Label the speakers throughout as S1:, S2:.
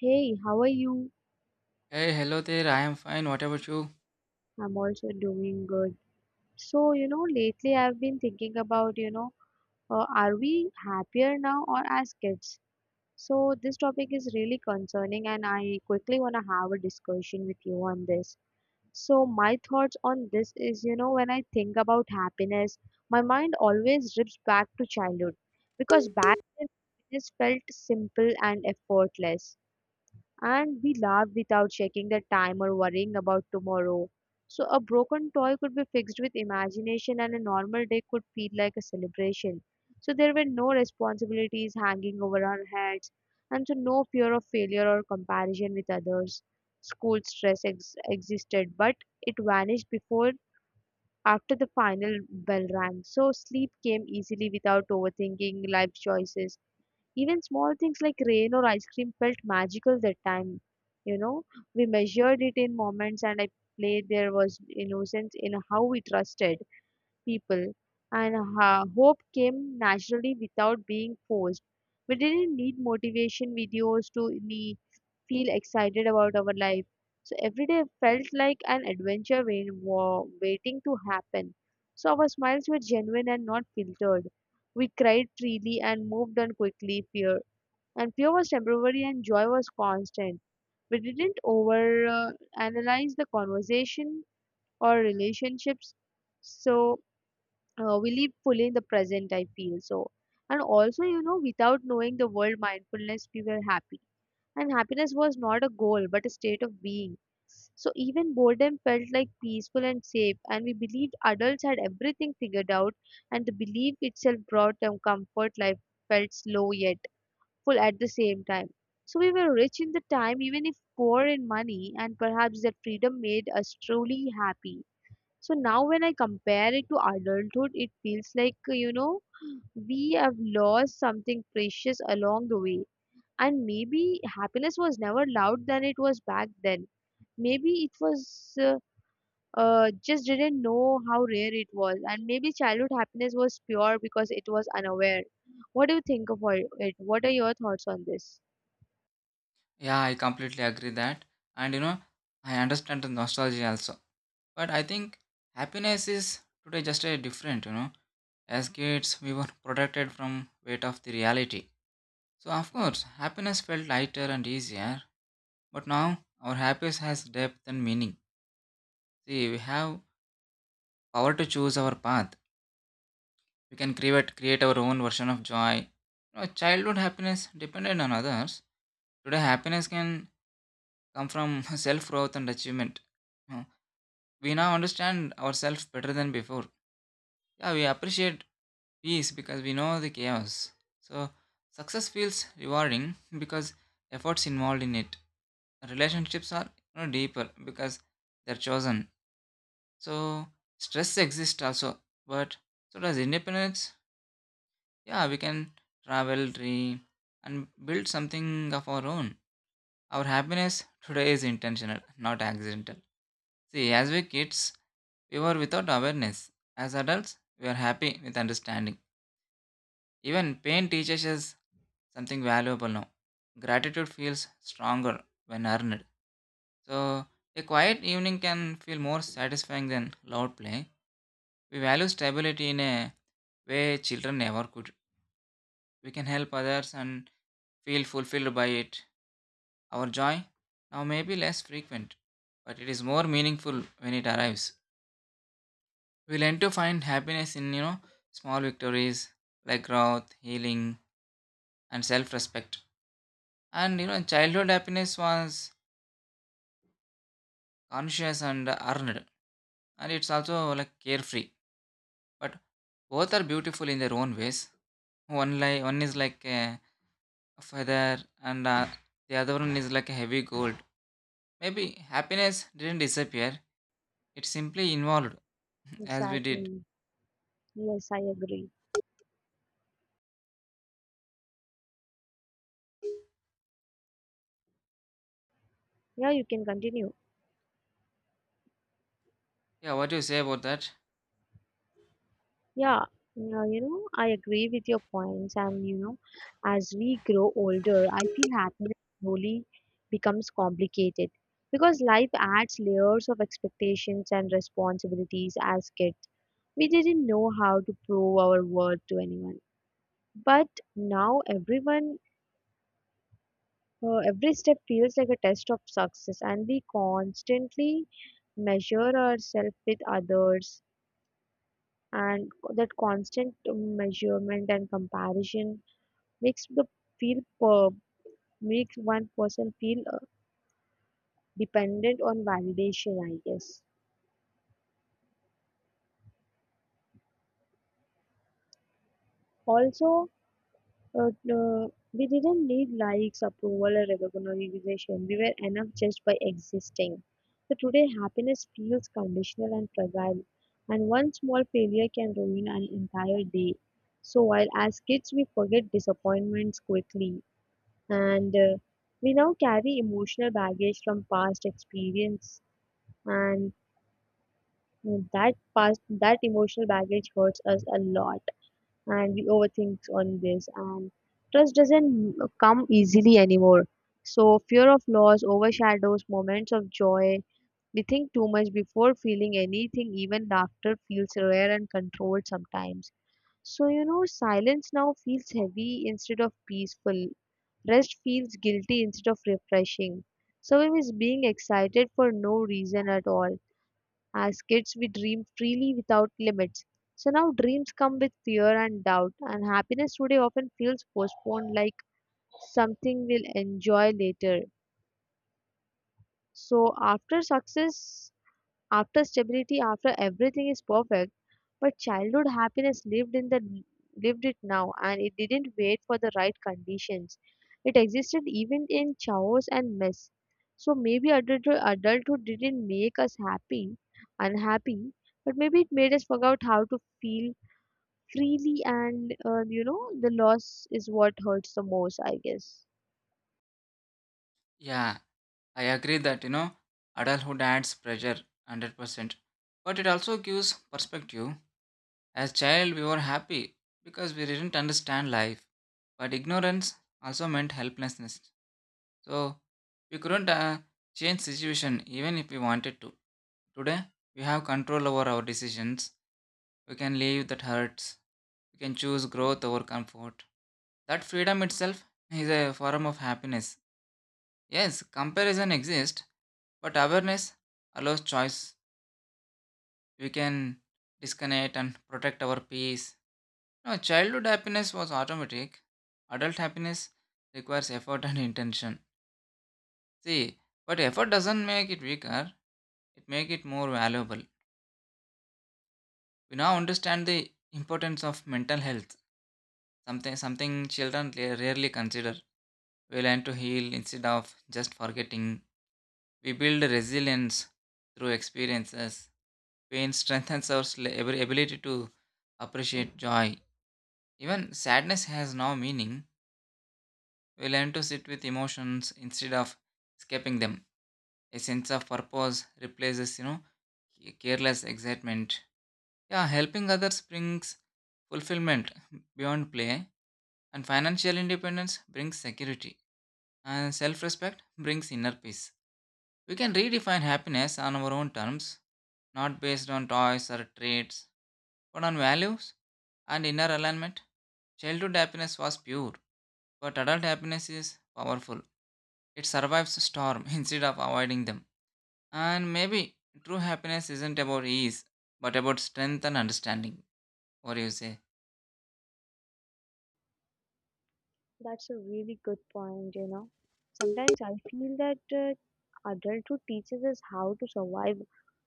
S1: Hey, how are you?
S2: Hey, hello there. I am fine. What about you?
S1: I'm also doing good. Lately I've been thinking about, are we happier now or as kids? So, this topic is really concerning, and I quickly want to have a discussion with you on this. So, my thoughts on this is, when I think about happiness, my mind always drifts back to childhood because back then, happiness felt simple and effortless and we laughed without checking the time or worrying about tomorrow. So, a broken toy could be fixed with imagination, and a normal day could feel like a celebration. So, there were no responsibilities hanging over our heads, and so no fear of failure or comparison with others. School existed, but it vanished before after the final bell rang. So, sleep came easily without overthinking life choices, even small things like rain or ice cream felt magical that time. You know, we measured it in moments, and I played, there was innocence in how we trusted people, and hope came naturally without being forced. We didn't need motivation videos to me feel excited about our life. So every day felt like an adventure waiting to happen. So our smiles were genuine and not filtered. We cried freely and moved on quickly. Fear was temporary and joy was constant. We didn't over analyze the conversation or relationships, so we live fully in the present, I feel so. And also, you know, without knowing the world mindfulness, we were happy, and happiness was not a goal but a state of being. So even boredom felt like peaceful and safe, and we believed adults had everything figured out, and the belief itself brought them comfort. Life felt slow yet full at the same time. So we were rich in the time, even if poor in money, and perhaps that freedom made us truly happy. So now, when I compare it to adulthood, it feels like, we have lost something precious along the way. And maybe happiness was never loud than it was back then. Maybe it was just didn't know how rare it was. And maybe childhood happiness was pure because it was unaware. What do you think about it? What are your thoughts on this?
S2: Yeah, I completely agree that. And I understand the nostalgia also. But I think happiness is today just a different. As kids, we were protected from weight of the reality. So of course, happiness felt lighter and easier. But now our happiness has depth and meaning. See, we have power to choose our path. We can create our own version of joy. Childhood happiness depended on others. Today, happiness can come from self growth and achievement. Uh, We now understand ourselves better than before. Yeah, we appreciate peace because we know the chaos. So, success feels rewarding because efforts involved in it. Relationships are deeper because they're chosen. So, stress exists also, but so does independence. Yeah, we can travel, dream, and build something of our own. Our happiness today is intentional, not accidental. See, as we kids, we were without awareness. As adults, we are happy with understanding. Even pain teaches us something valuable now. Gratitude feels stronger when earned. So, a quiet evening can feel more satisfying than loud play. We value stability in a way children never could. We can help others and feel fulfilled by it. Our joy now may be less frequent, but it is more meaningful when it arrives. We learn to find happiness in small victories like growth, healing, and self respect. And childhood happiness was conscious and earned. And it's also like carefree. But both are beautiful in their own ways. One, like one is like a feather, and the other one is like a heavy gold. Maybe happiness didn't disappear, it simply evolved as we did.
S1: Exactly. Yes, I agree. Yeah, you can continue.
S2: Yeah, what do you say about that?
S1: Yeah, yeah, you know, I agree with your points. And, you know, as we grow older, I feel happiness slowly becomes complicated because life adds layers of expectations and responsibilities as kids. We didn't know how to prove our worth to anyone. But now every step feels like a test of success, and we constantly measure ourselves with others, and that constant measurement and comparison makes the feel per, makes one person feel dependent on validation, I guess. Also, uh, uh, we didn't need likes, approval or recognition, we were enough just by existing. So today happiness feels conditional and fragile, and one small failure can ruin an entire day. So while as kids we forget disappointments quickly, and we now carry emotional baggage from past experience, and that emotional baggage hurts us a lot, and we overthink on this, and trust doesn't come easily anymore. So fear of loss overshadows moments of joy. We think too much before feeling anything, even laughter feels rare and controlled sometimes. So, you know, silence now feels heavy instead of peaceful. Rest feels guilty instead of refreshing. So, we being excited for no reason at all. As kids, we dream freely without limits. So, now dreams come with fear and doubt, and happiness today often feels postponed, like something we'll enjoy later. So, after success, after stability, after everything is perfect. But childhood happiness lived in the lived it now, and it didn't wait for the right conditions. It existed even in chaos and mess. So maybe adulthood didn't make us unhappy, but maybe it made us forget how to feel freely, and you know, the loss is what hurts the most, I guess.
S2: Yeah, I agree that adulthood adds pressure 100%, but it also gives perspective. As child, we were happy because we didn't understand life, but ignorance also meant helplessness. So we couldn't change situation even if we wanted to. Today, we have control over our decisions. We can leave that hurts. We can choose growth over comfort. That freedom itself is a form of happiness. Yes, comparison exists, but awareness allows choice. We can disconnect and protect our peace. No, childhood happiness was automatic. Adult happiness requires effort and intention. See, but effort doesn't make it weaker, it makes it more valuable. We now understand the importance of mental health, something children rarely consider. We learn to heal instead of just forgetting. We build resilience through experiences. Pain strengthens our ability to appreciate joy. Even sadness has no meaning. We learn to sit with emotions instead of escaping them. A sense of purpose replaces careless excitement. Yeah, helping others brings fulfillment beyond play, and financial independence brings security, and self respect brings inner peace. We can redefine happiness on our own terms, not based on toys or traits. But on values and inner alignment, childhood happiness was pure, but adult happiness is powerful. It survives storm instead of avoiding them. And maybe true happiness isn't about ease, but about strength and understanding. What do you say?
S1: That's a really good point, you know. Sometimes I feel that adulthood teaches us how to survive,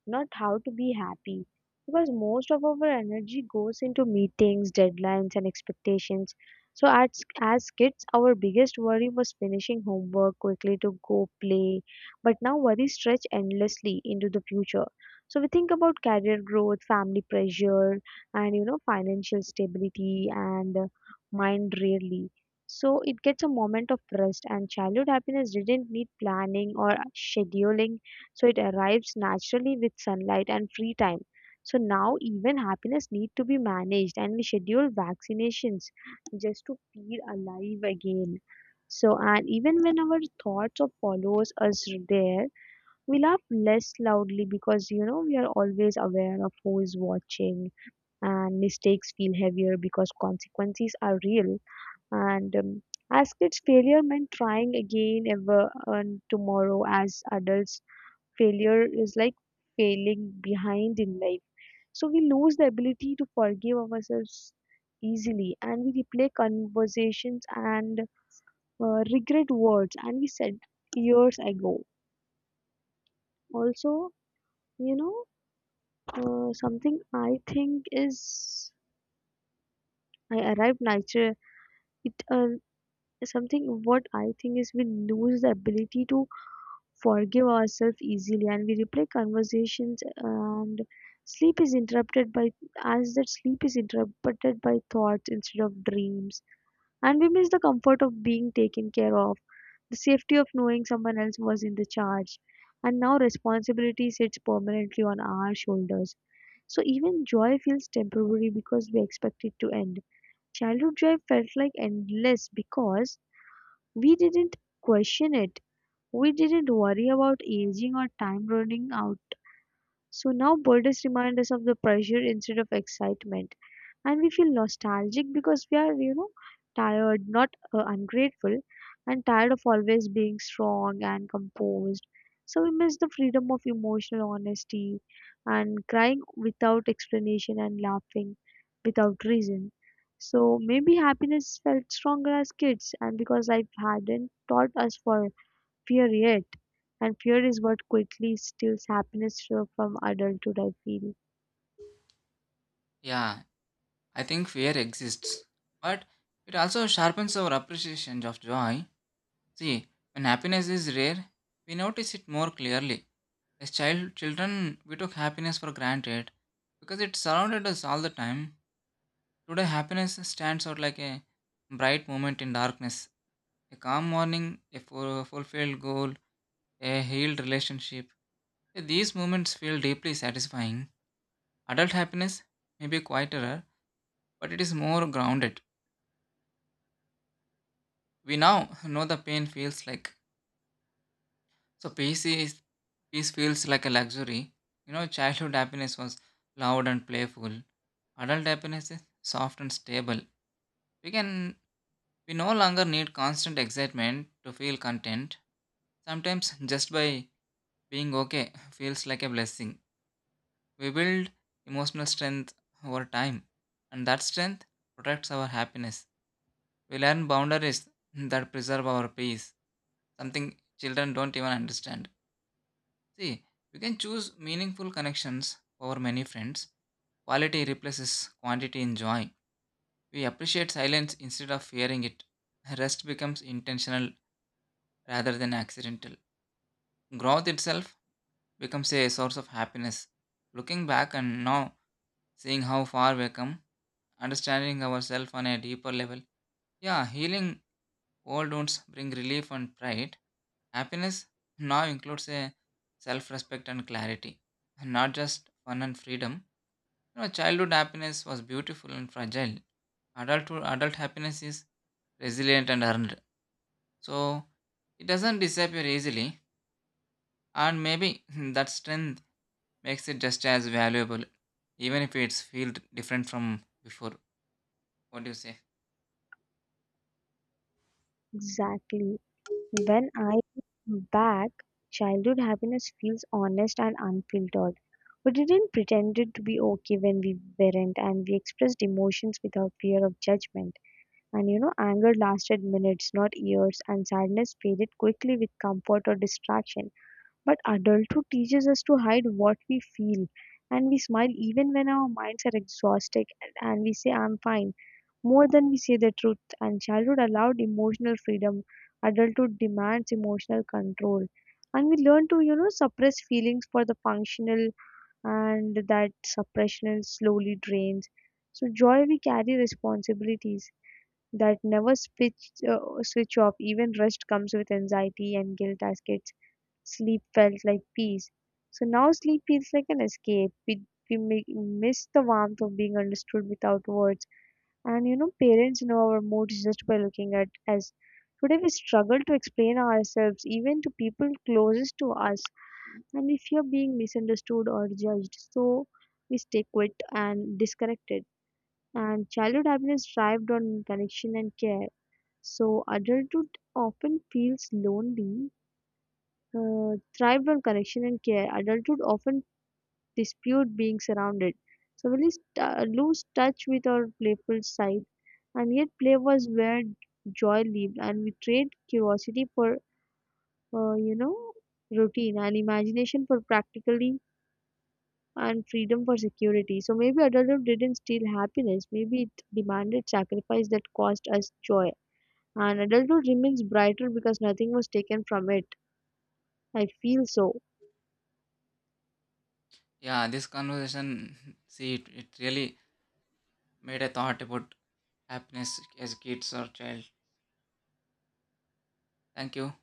S1: not how to be happy. Because most of our energy goes into meetings, deadlines, and expectations. So, as kids, our biggest worry was finishing homework quickly to go play. But now, worries stretch endlessly into the future. So, we think about career growth, family pressure, and you know, financial stability, and mind rarely. So it gets a moment of rest, and childhood happiness didn't need planning or scheduling. So it arrives naturally with sunlight and free time. So now even happiness need to be managed, and we schedule vaccinations just to feel alive again. So and even when our thoughts or follows us there, we laugh less loudly because, you know, we are always aware of who is watching, and mistakes feel heavier because consequences are real, and as kids, failure meant trying again ever and tomorrow. As adults, failure is like failing behind in life. So we lose the ability to forgive ourselves easily, and we replay conversations and regret words, and we said years ago. Also, you know, something I think is I arrived nature. It Something what I think is, we lose the ability to forgive ourselves easily, and we replay conversations, and sleep is interrupted by sleep is interrupted by thoughts instead of dreams, and we miss the comfort of being taken care of, the safety of knowing someone else was in the charge, and now responsibility sits permanently on our shoulders. So even joy feels temporary because we expect it to end. Childhood joy felt like endless because we didn't question it. We didn't worry about aging or time running out. So now birthdays remind us of the pressure instead of excitement. And we feel nostalgic because we are, you know, tired, not ungrateful, and tired of always being strong and composed. So we miss the freedom of emotional honesty, and crying without explanation, and laughing without reason. So maybe happiness felt stronger as kids, and because life hadn't taught us for fear yet, and fear is what quickly steals happiness so from adulthood, I feel.
S2: Yeah, I think fear exists, but it also sharpens our appreciation of joy. See, when happiness is rare, we notice it more clearly. As children, we took happiness for granted because it surrounded us all the time. Today, happiness stands out like a bright moment in darkness, a calm morning, a fulfilled goal, a healed relationship. These moments feel deeply satisfying. Adult happiness may be quieter, but it is more grounded. We now know the pain feels like. So, peace feels like a luxury. Childhood happiness was loud and playful. Adult happiness is soft and stable. We can We no longer need constant excitement to feel content. Sometimes just by being okay feels like a blessing. We build emotional strength over time, and that strength protects our happiness. We learn boundaries that preserve our peace, something children don't even understand. See, you can choose meaningful connections over many friends. Quality replaces quantity in joy. We appreciate silence instead of fearing it. Rest becomes intentional rather than accidental. Growth itself becomes a source of happiness. Looking back and now seeing how far we've come, understanding ourselves on a deeper level. Yeah, healing old wounds bring relief and pride. Happiness now includes a self-respect and clarity, not just fun and freedom. Childhood happiness was beautiful and fragile. Adult happiness is resilient and earned. So it doesn't disappear easily, and maybe that strength makes it just as valuable, even if it's feel different from before. What do you say?
S1: Exactly. When I look back, childhood happiness feels honest and unfiltered. We didn't pretend it to be okay when we weren't, and we expressed emotions without fear of judgment. And you know, anger lasted minutes, not years, and sadness faded quickly with comfort or distraction. But adulthood teaches us to hide what we feel, and we smile even when our minds are exhausted, and we say, I'm fine, more than we say the truth. And childhood allowed emotional freedom, adulthood demands emotional control. And we learn to, you know, suppress feelings for the functional, and that suppression slowly drains. So, joy, we carry responsibilities that never switch off, even rest comes with anxiety and guilt. As kids, sleep felt like peace. So now sleep feels like an escape. We miss the warmth of being understood without words. And you know, parents know our moods just by looking at us. Today we struggle to explain ourselves even to people closest to us. And we fear being misunderstood or judged. So we stay quit and disconnected. And childhood happiness thrived on connection and care. So adulthood often feels lonely thrived on connection and care. Adulthood often dispute being surrounded. So we lose touch with our playful side, and yet play was where joy lived, and we trade curiosity for uh, you know routine, and imagination for practically, and freedom for security. So maybe adulthood didn't steal happiness. Maybe it demanded sacrifice that cost us joy. And adulthood remains brighter because nothing was taken from it. I feel so.
S2: Yeah, this conversation, see, it really made a thought about happiness as kids or child. Thank you.